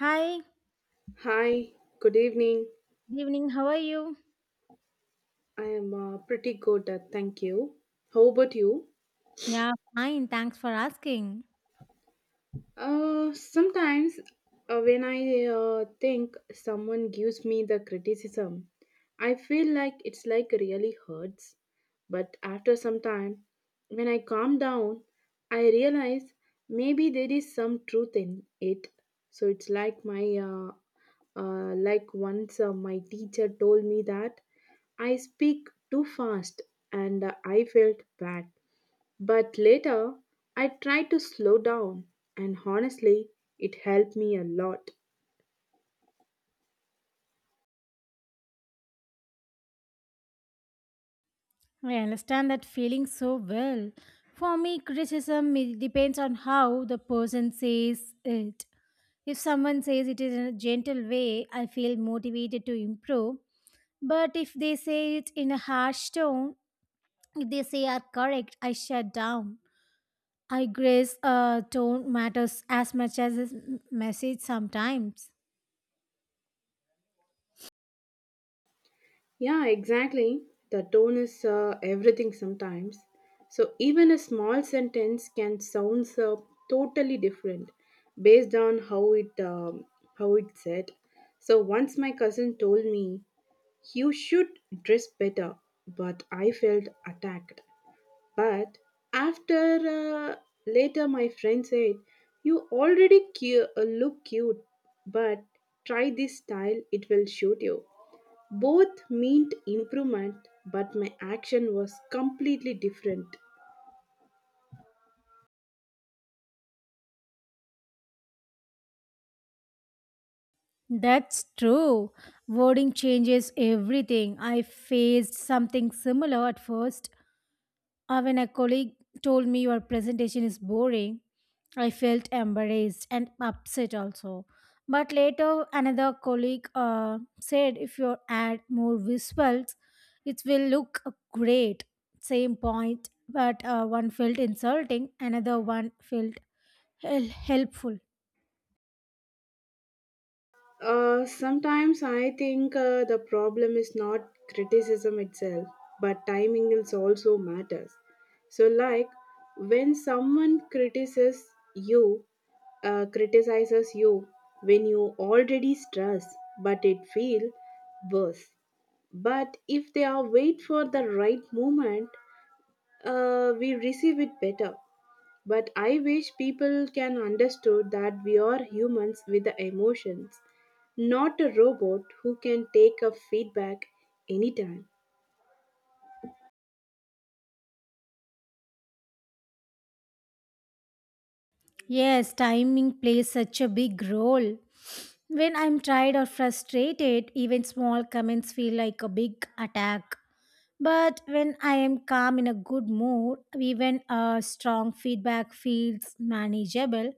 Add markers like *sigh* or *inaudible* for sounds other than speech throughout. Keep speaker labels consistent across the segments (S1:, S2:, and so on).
S1: Hi,
S2: Hi, good evening.
S1: good evening. How are you?
S2: I am pretty good, thank you. How about you?
S1: Yeah, fine. Thanks for asking.
S2: Sometimes when I think someone gives me the criticism, I feel like it's like really hurts. But after some time, when I calm down, I realize maybe there is some truth in it. So it's like my like once my teacher told me that I speak too fast and I felt bad. But later, I tried to slow down, and honestly, it helped me a lot.
S1: I understand that feeling so well. For me, criticism it depends on how the person says it. If someone says it in a gentle way, I feel motivated to improve. But if they say it in a harsh tone, if they say are correct, I shut down. I guess tone matters as much as a message sometimes.
S2: Yeah, exactly. The tone is everything sometimes. So even a small sentence can sound totally different based on how it how it's said. So once my cousin told me you should dress better, but I felt attacked. But after uh, Later, my friend said, you already look cute, but try this style, it will shoot you. Both meant improvement, but my action was completely different.
S1: That's true. Wording changes everything. I faced something similar at first. When a colleague told me your presentation is boring, I felt embarrassed and upset also. But later, another colleague said if you add more visuals, it will look great. Same point, but one felt insulting, another one felt helpful.
S2: Sometimes I think the problem is not criticism itself, but timing is also matters. So, like when someone criticizes you, uh, criticizes you when you already stress, but it feel worse. But if they are wait for the right moment, we receive it better. But I wish people can understood that we are humans with the emotions, not a robot who can take a feedback anytime.
S1: Yes, timing plays such a big role. When I'm tired or frustrated, even small comments feel like a big attack. But when I am calm in a good mood, even a strong feedback feels manageable.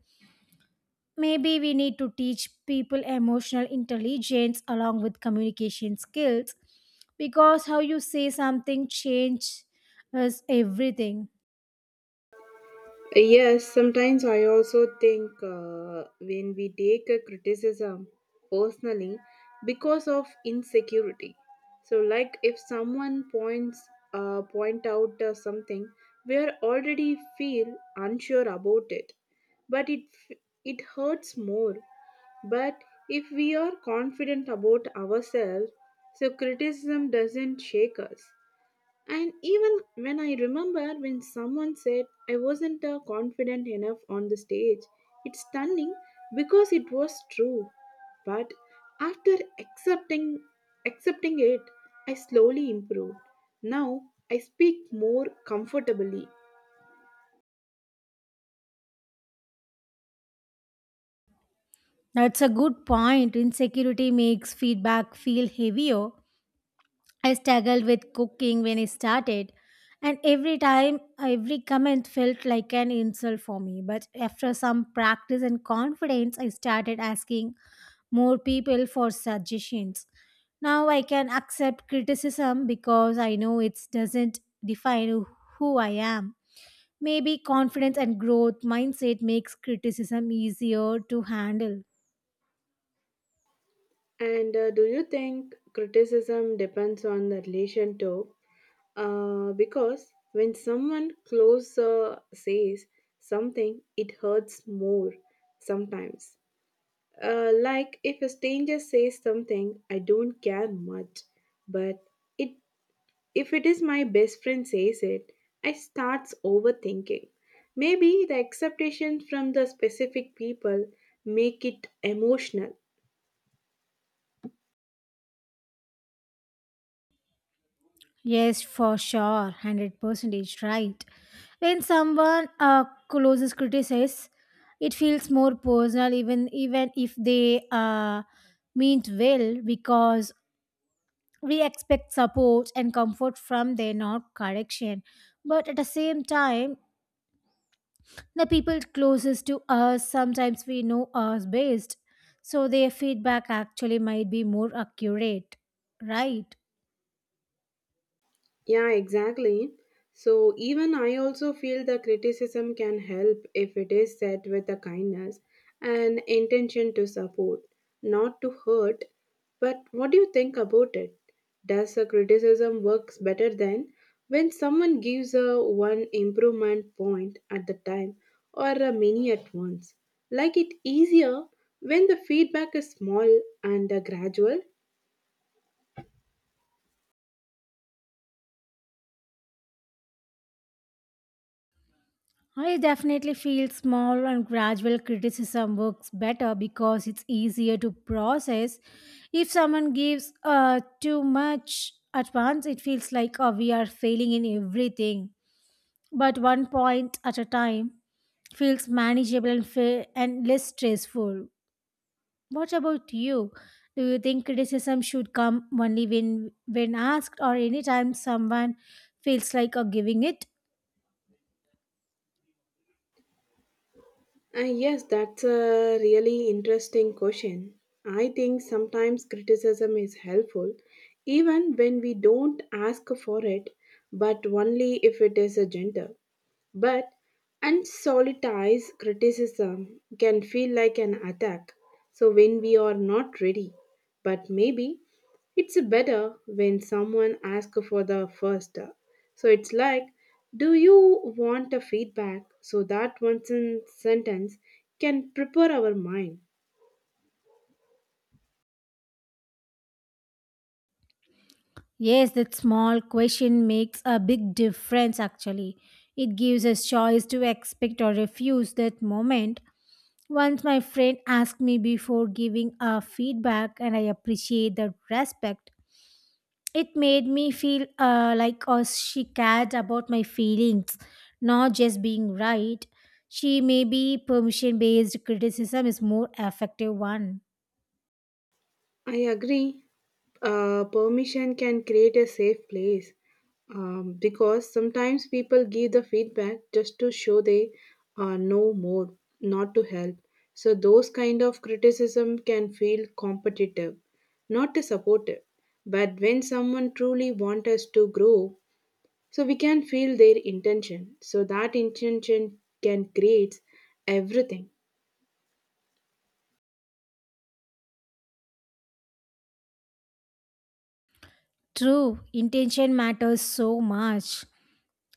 S1: Maybe we need to teach people emotional intelligence along with communication skills because how you say something changes everything.
S2: Yes, sometimes I also think when we take a criticism personally because of insecurity. So, like if someone point out something, we are already feel unsure about it, but f- it hurts more. But if we are confident about ourselves, so criticism doesn't shake us. And even when I remember when someone said I wasn't confident enough on the stage, it's stunning because it was true. But after accepting it, I slowly improved. Now I speak more comfortably.
S1: That's a good point. Insecurity makes feedback feel heavier. I struggled with cooking when I started, and every time, every comment felt like an insult for me. But after some practice and confidence, I started asking more people for suggestions. Now I can accept criticism because I know it doesn't define who I am. Maybe confidence and growth mindset makes criticism easier to handle.
S2: And do you think criticism depends on the relation too? Because when someone close says something, it hurts more sometimes. Like if a stranger says something, I don't care much. But it, if it is my best friend says it, I starts overthinking. Maybe the expectations from the specific people make it emotional.
S1: Yes, for sure, 100% is right. When someone closes criticizes, it feels more personal, even if they meant well, because we expect support and comfort from them, not correction. But at the same time, the people closest to us sometimes we know us best, so their feedback actually might be more accurate, right?
S2: Yeah, exactly. So even I also feel the criticism can help if it is said with a kindness and intention to support, not to hurt. But what do you think about it? Does a criticism works better than when someone gives a one improvement point at the time or a many at once? Like it easier when the feedback is small and gradual.
S1: I definitely feel small and gradual criticism works better because it's easier to process. If someone gives too much at once, it feels like we are failing in everything. But one point at a time feels manageable and, and less stressful. What about you? Do you think criticism should come only when asked or anytime someone feels like giving it?
S2: Yes, that's a really interesting question. I think sometimes criticism is helpful, even when we don't ask for it, but only if it is a gentle. But unsolicited criticism can feel like an attack, so when we are not ready. But maybe it's better when someone asks for the first. So it's like, do you want a feedback? So that one sentence can prepare our mind.
S1: Yes, that small question makes a big difference actually. It gives us choice to expect or refuse that moment. Once my friend asked me before giving a feedback and I appreciate the respect. It made me feel like she cared about my feelings, not just being right. She may be permission based criticism is more effective one.
S2: I agree. Permission can create a safe place because sometimes people give the feedback just to show they know more, not to help. So those kind of criticism can feel competitive, not to supportive. But when someone truly wants us to grow, so we can feel their intention. So that intention can create everything.
S1: True, intention matters so much.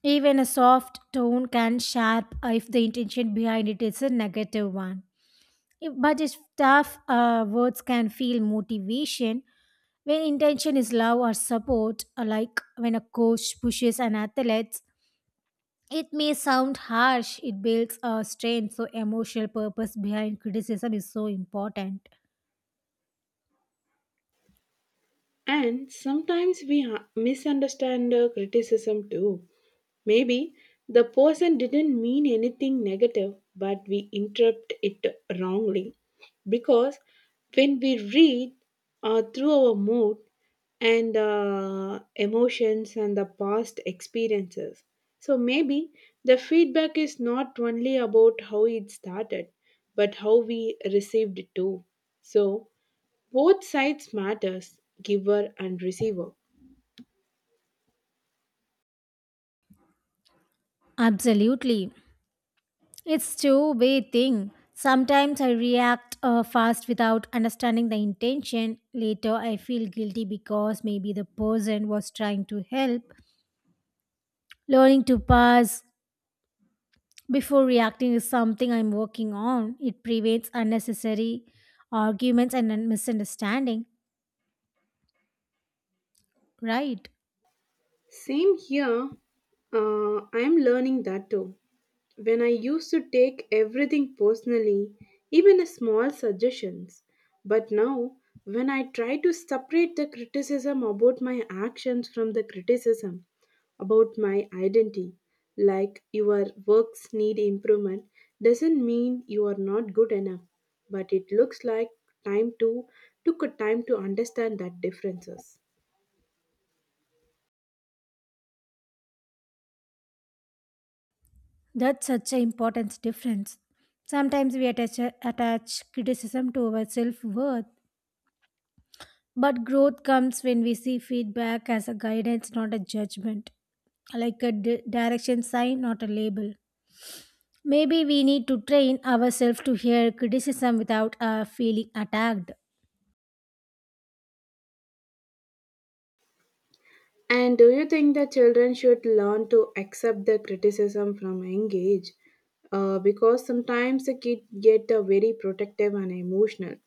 S1: Even a soft tone can sharp if the intention behind it is a negative one. But if tough words can feel motivation, when intention is love or support, like when a coach pushes an athlete, it may sound harsh. It builds a strength, so emotional purpose behind criticism is so important.
S2: And sometimes we misunderstand the criticism too. Maybe the person didn't mean anything negative, but we interpret it wrongly. Because when we read through our mood and emotions and the past experiences, so maybe the feedback is not only about how it started, but how we received it too. So both sides matters, giver and receiver.
S1: Absolutely. It's two-way thing. Sometimes I react fast without understanding the intention. Later, I feel guilty because maybe the person was trying to help. Learning to pause before reacting is something I'm working on. It prevents unnecessary arguments and misunderstanding. Right?
S2: Same here. I am learning that too. When I used to take everything personally, even a small suggestions. But now, when I try to separate the criticism about my actions from the criticism about my identity, like your works need improvement, doesn't mean you are not good enough. But it looks like time to took a time to understand that differences.
S1: That's such an important difference. Sometimes we attach criticism to our self worth. But growth comes when we see feedback as a guidance, not a judgment, like a direction sign, not a label. Maybe we need to train ourselves to hear criticism without feeling attacked.
S2: And do you think that children should learn to accept the criticism from a young age? Because sometimes the kids get very protective and emotional.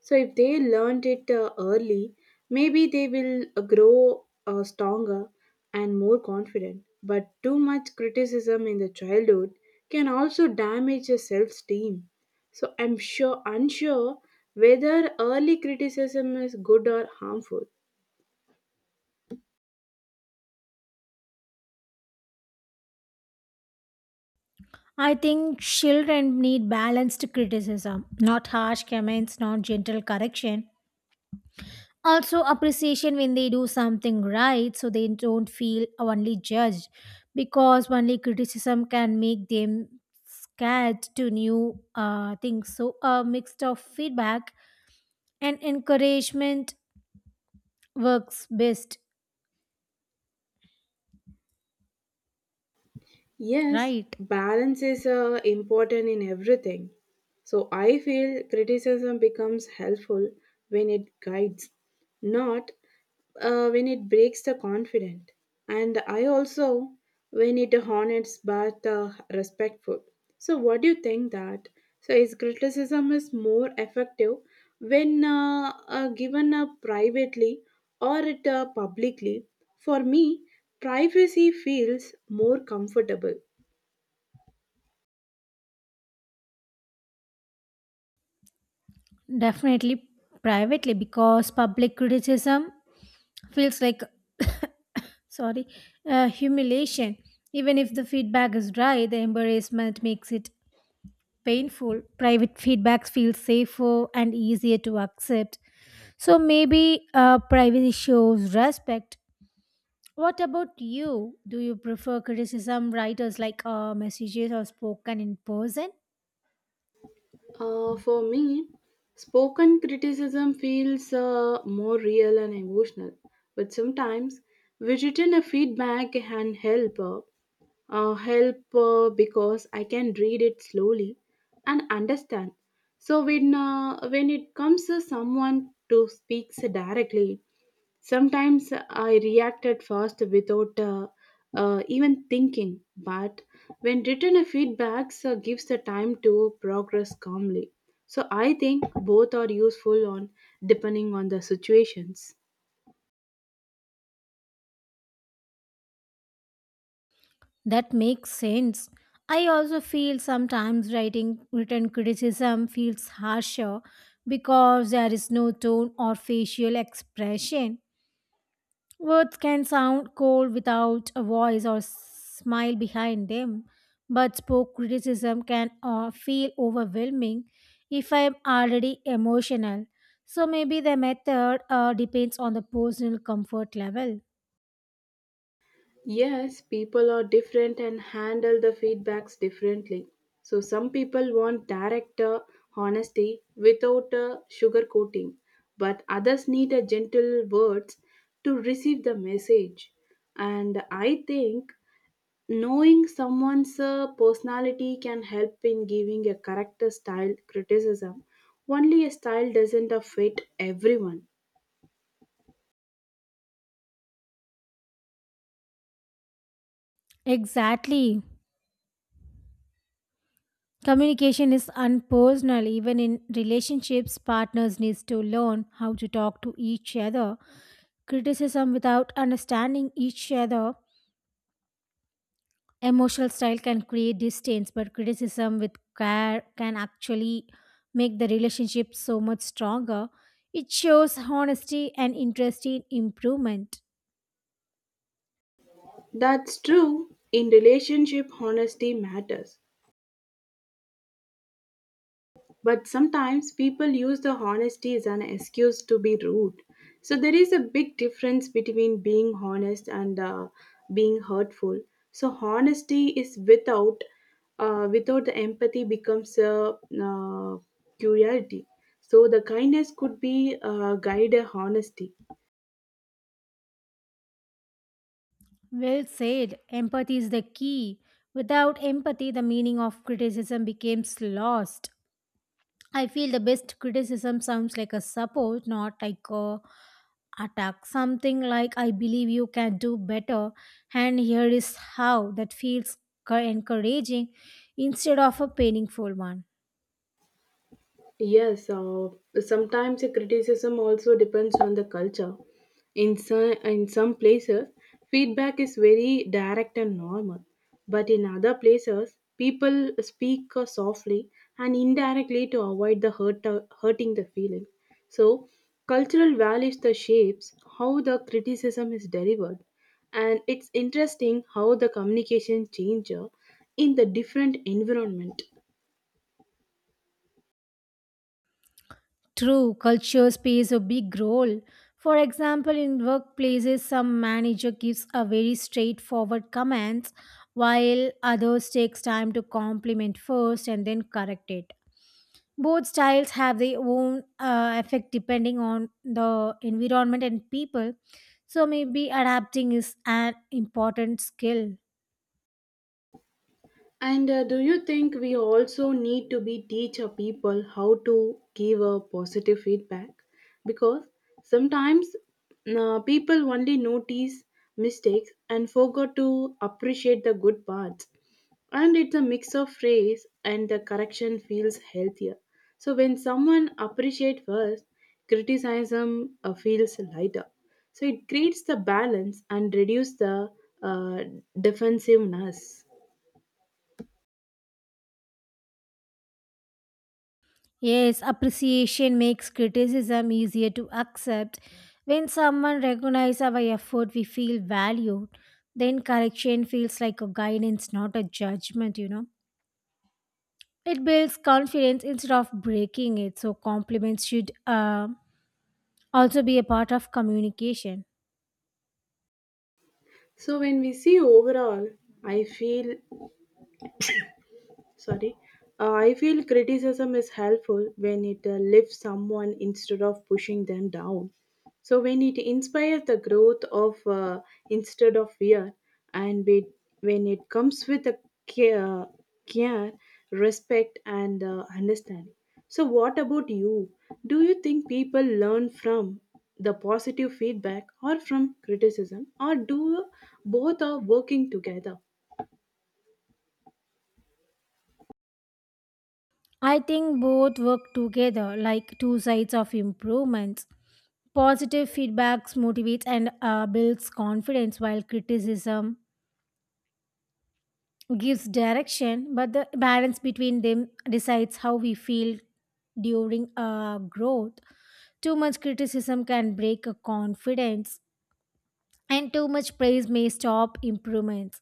S2: So if they learned it early, maybe they will grow stronger and more confident. But too much criticism in the childhood can also damage the self-esteem. So I'm sure unsure whether early criticism is good or harmful.
S1: I think children need balanced criticism, not harsh comments, not gentle correction, also appreciation when they do something right so they don't feel only judged because only criticism can make them scared to new things so a mix of feedback and encouragement works best.
S2: Yes,
S1: Right.
S2: balance is important in everything. So I feel criticism becomes helpful when it guides, not when it breaks the confident. And I also when it honors but respectful. So what do you think that? So is criticism is more effective when given privately or it publicly? For me, privacy feels more comfortable.
S1: Definitely privately because public criticism feels like *coughs* sorry, humiliation. Even if the feedback is right, the embarrassment makes it painful. Private feedbacks feel safer and easier to accept. So maybe privacy shows respect. What about you? Do you prefer criticism writers like messages or spoken in person?
S2: For me, spoken criticism feels more real and emotional, but sometimes written a feedback can help. Help because I can read it slowly and understand. So when it comes to someone to speaks directly, sometimes I reacted fast without even thinking, but when written a feedbacks gives the time to progress calmly. So I think both are useful on depending on the situations.
S1: That makes sense. I also feel sometimes writing written criticism feels harsher because there is no tone or facial expression. Words can sound cold without a voice or smile behind them, but spoke criticism can feel overwhelming if I am already emotional. So maybe the method depends on the personal comfort level.
S2: Yes, people are different and handle the feedbacks differently. So some people want direct honesty without sugarcoating, but others need a gentle words to receive the message. And I think knowing someone's personality can help in giving a correct style criticism. Only a style doesn't fit everyone.
S1: Exactly. Communication is unpersonal even in relationships partners needs to learn how to talk to each other. Criticism without understanding each other emotional style can create distance, but criticism with care can actually make the relationship so much stronger. It shows honesty and interest in improvement.
S2: That's true. In relationship, honesty matters. But sometimes people use the honesty as an excuse to be rude. So there is a big difference between being honest and being hurtful. So honesty is without the empathy becomes a curiosity. So the kindness could be guide a honesty.
S1: Well said. Empathy is the key. Without empathy, the meaning of criticism becomes lost. I feel the best criticism sounds like a support, not like a attack, something like I believe you can do better and here is how that feels encouraging instead of a painful one.
S2: Yes, sometimes the criticism also depends on the culture. In some places, feedback is very direct and normal, but in other places, people speak softly and indirectly to avoid the hurting the feeling. So, cultural values the shapes how the criticism is delivered, and it's interesting how the communication changes in the different environment.
S1: True, culture plays a big role. For example, in workplaces, some manager gives a very straightforward comments, while others takes time to compliment first and then correct it. Both styles have their own effect depending on the environment and people. So maybe adapting is an important skill.
S2: And do you think we also need to be teach our people how to give a positive feedback? Because sometimes people only notice mistakes and forgot to appreciate the good parts. And it's a mix of praise and the correction feels healthier. So when someone appreciate first, criticism feels lighter. So it creates the balance and reduce the uh, defensiveness.
S1: Yes, appreciation makes criticism easier to accept. When someone recognizes our effort, we feel valued. Then correction feels like a guidance, not a judgment. It builds confidence instead of breaking it. So, compliments should also be a part of communication.
S2: So when we see overall, I feel sorry, I feel criticism is helpful when it lifts someone instead of pushing them down, so when it inspires the growth of instead of fear and when it comes with a care, care, respect and understanding. So what about you? Do you think people learn from the positive feedback or from criticism, or do both are working together?
S1: I think both work together like two sides of improvements. Positive feedbacks motivates and builds confidence, while criticism gives direction, but the balance between them decides how we feel during our growth. Too much criticism can break a confidence, and too much praise may stop improvements.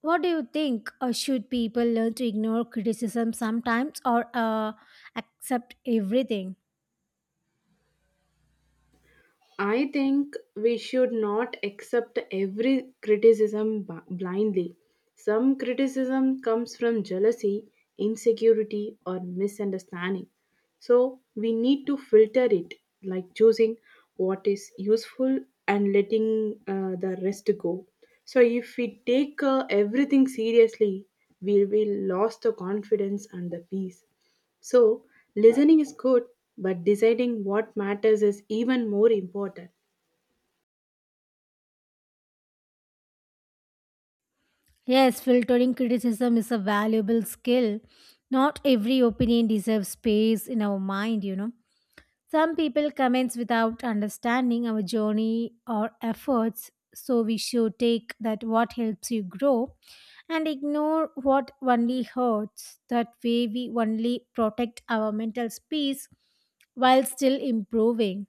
S1: What do you think? Should people learn to ignore criticism sometimes or accept everything?
S2: I think we should not accept every criticism blindly. Some criticism comes from jealousy, insecurity, or misunderstanding. So we need to filter it, like choosing what is useful and letting the rest go. So if we take everything seriously, we will lose the confidence and the peace. So, listening is good, but deciding what matters is even more important.
S1: Yes, filtering criticism is a valuable skill. Not every opinion deserves space in our mind. Some people comments without understanding our journey or efforts, so we should take that what helps you grow and ignore what only hurts. That way we only protect our mental space while still improving.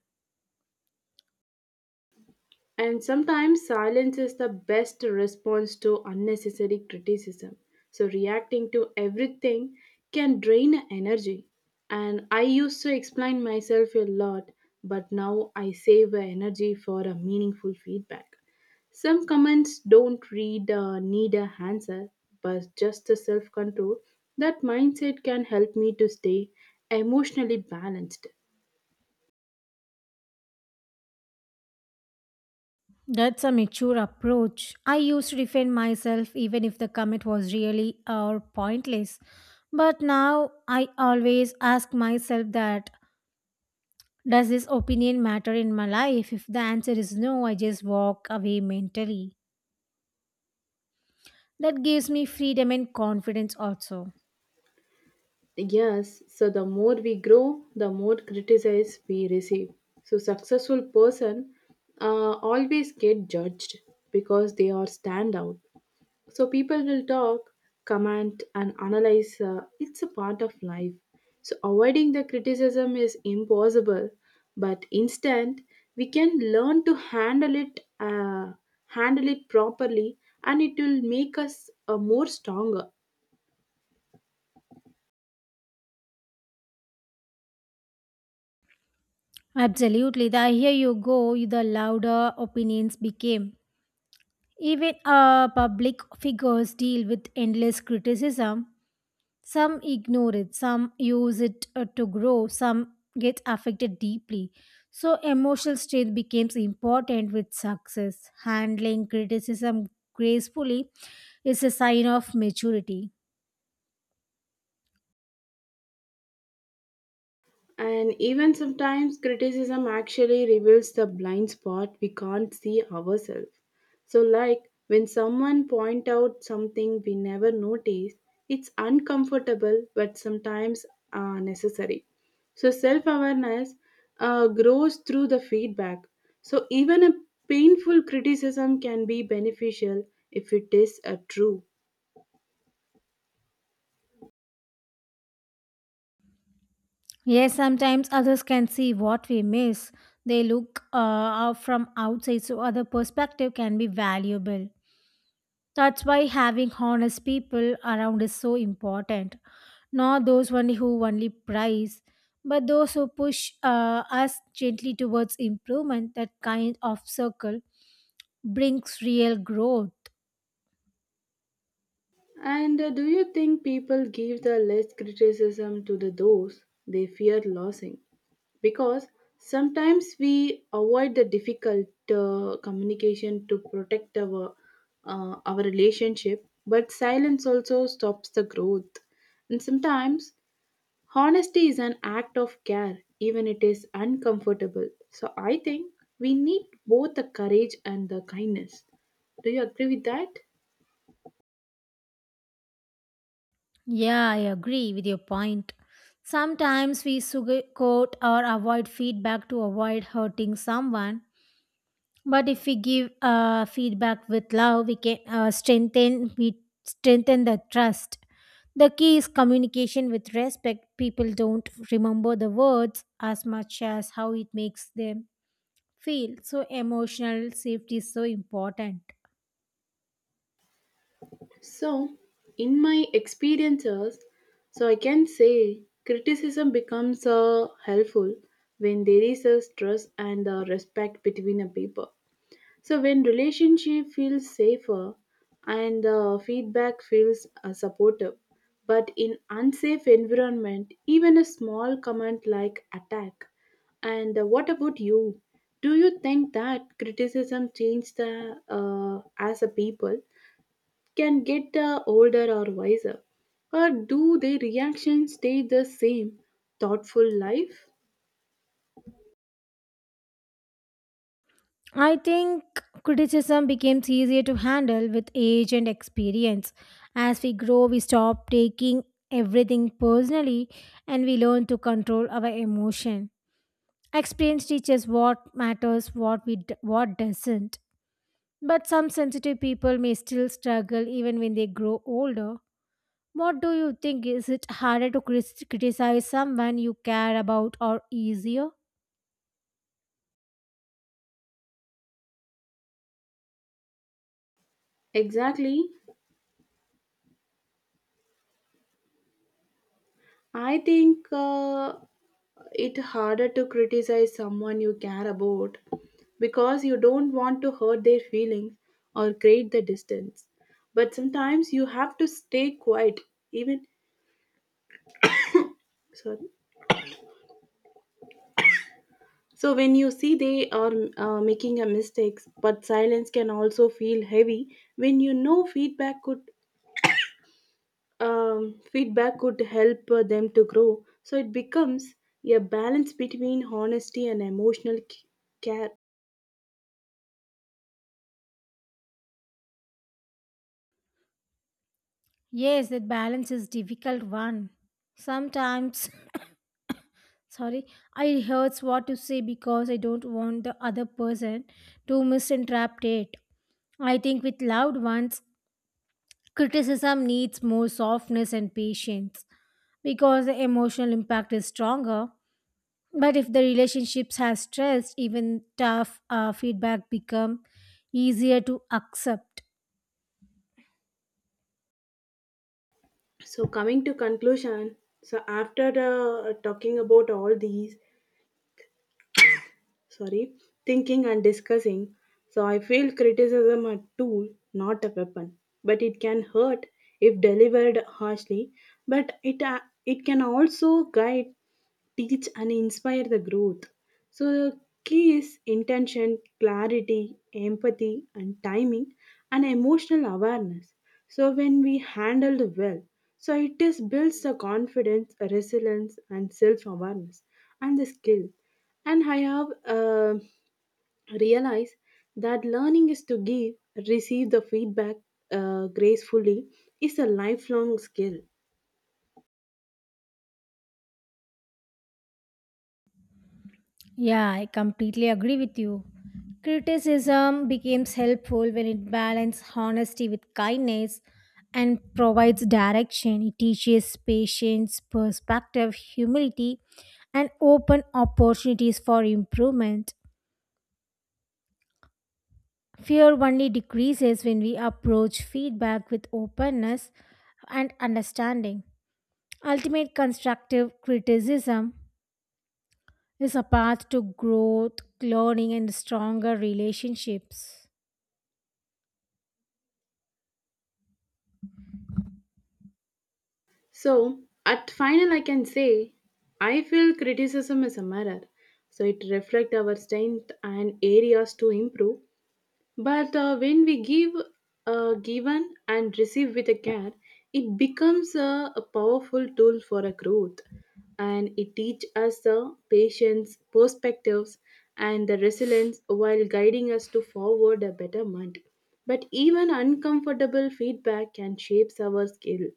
S2: And sometimes silence is the best response to unnecessary criticism. So reacting to everything can drain energy. And I used to explain myself a lot, but now I save the energy for a meaningful feedback. Some comments don't read need a answer, but just the self control. That mindset can help me to stay emotionally balanced.
S1: That's a mature approach. I used to defend myself even if the comment was really or pointless. But now I always ask myself that does this opinion matter in my life? If the answer is no, I just walk away mentally. That gives me freedom and confidence also.
S2: Yes, so the more we grow, the more criticize we receive. So successful person always get judged because they are stand out. So people will talk, comment, and analyze. It's a part of life. So avoiding the criticism is impossible, but instead we can learn to handle it properly, and it will make us more stronger.
S1: Absolutely. The higher you go, the louder opinions became. Even public figures deal with endless criticism. Some ignore it, some use it to grow, some get affected deeply. So, emotional strength becomes important with success. Handling criticism gracefully is a sign of maturity.
S2: And even sometimes criticism actually reveals the blind spot we can't see ourselves. So, like when someone point out something we never notice, it's uncomfortable but sometimes necessary. So, self awareness grows through the feedback. So, even a painful criticism can be beneficial if it is true.
S1: Yes, sometimes others can see what we miss. They look out from outside, so other perspective can be valuable. That's why having honest people around is so important. Not those only who only prize, but those who push us gently towards improvement. That kind of circle brings real growth.
S2: And do you think people give the less criticism to the those they fear losing? Because sometimes we avoid the difficult communication to protect our relationship, but silence also stops the growth. And sometimes honesty is an act of care, even it is uncomfortable. So I think we need both the courage and the kindness. Do you agree with that?
S1: Yeah, I agree with your point. Sometimes we sugarcoat or avoid feedback to avoid hurting someone. But if we give feedback with love, we can strengthen the trust. The key is communication with respect. People don't remember the words as much as how it makes them feel. So emotional safety is so important.
S2: So, in my experiences, so I can say criticism becomes helpful when there is a trust and respect between a people. So when relationship feels safer and feedback feels supportive, but in unsafe environment, even a small comment like attack. And what about you? Do you think that criticism changed the, as a people? Can get older or wiser? Or do their reactions stay the same? Thoughtful life?
S1: I think criticism becomes easier to handle with age and experience. As we grow, we stop taking everything personally and we learn to control our emotion. Experience teaches what matters, what doesn't. But some sensitive people may still struggle even when they grow older. What do you think? Is it harder to criticize someone you care about or easier?
S2: Exactly. I think it harder to criticize someone you care about because you don't want to hurt their feelings or create the distance. But sometimes you have to stay quiet, even sorry. So when you see they are making a mistakes, but silence can also feel heavy when you know feedback could help them to grow. So it becomes a balance between honesty and emotional care.
S1: Yes, that balance is difficult one. Sometimes *laughs* sorry, I hurts what to say because I don't want the other person to misinterpret it. I think with loved ones, criticism needs more softness and patience because the emotional impact is stronger. But if the relationships has stress, even tough feedback become easier to accept.
S2: So coming to conclusion, so after talking about all these, sorry, thinking and discussing, so I feel criticism a tool, not a weapon, but it can hurt if delivered harshly. But it can also guide teach and inspire the growth. So the key is intention, clarity, empathy, and timing, and emotional awareness. So when we handle the well, so it is builds the confidence, resilience, and self-awareness, and the skill. And I have realized that learning is to give, receive the feedback gracefully is a lifelong skill.
S1: Yeah, I completely agree with you. Criticism becomes helpful when it balances honesty with kindness and provides direction. It teaches patience, perspective, humility, and open opportunities for improvement. Fear only decreases when we approach feedback with openness and understanding. Ultimate constructive criticism is a path to growth, learning, and stronger relationships.
S2: So, at final, I can say I feel criticism is a mirror. So, it reflects our strength and areas to improve. But when we give, given, and receive with a care, it becomes a powerful tool for a growth. And it teaches us the patience, perspectives, and the resilience while guiding us to forward a betterment. But even uncomfortable feedback can shape our skill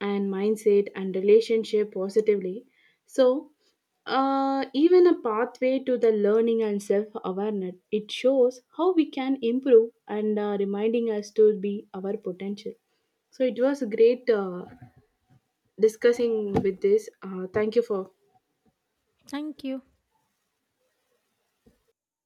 S2: and mindset and relationship positively. So, even a pathway to the learning and self awareness, it shows how we can improve and reminding us to be our potential. So, it was great discussing with this. Thank you for
S1: Thank you.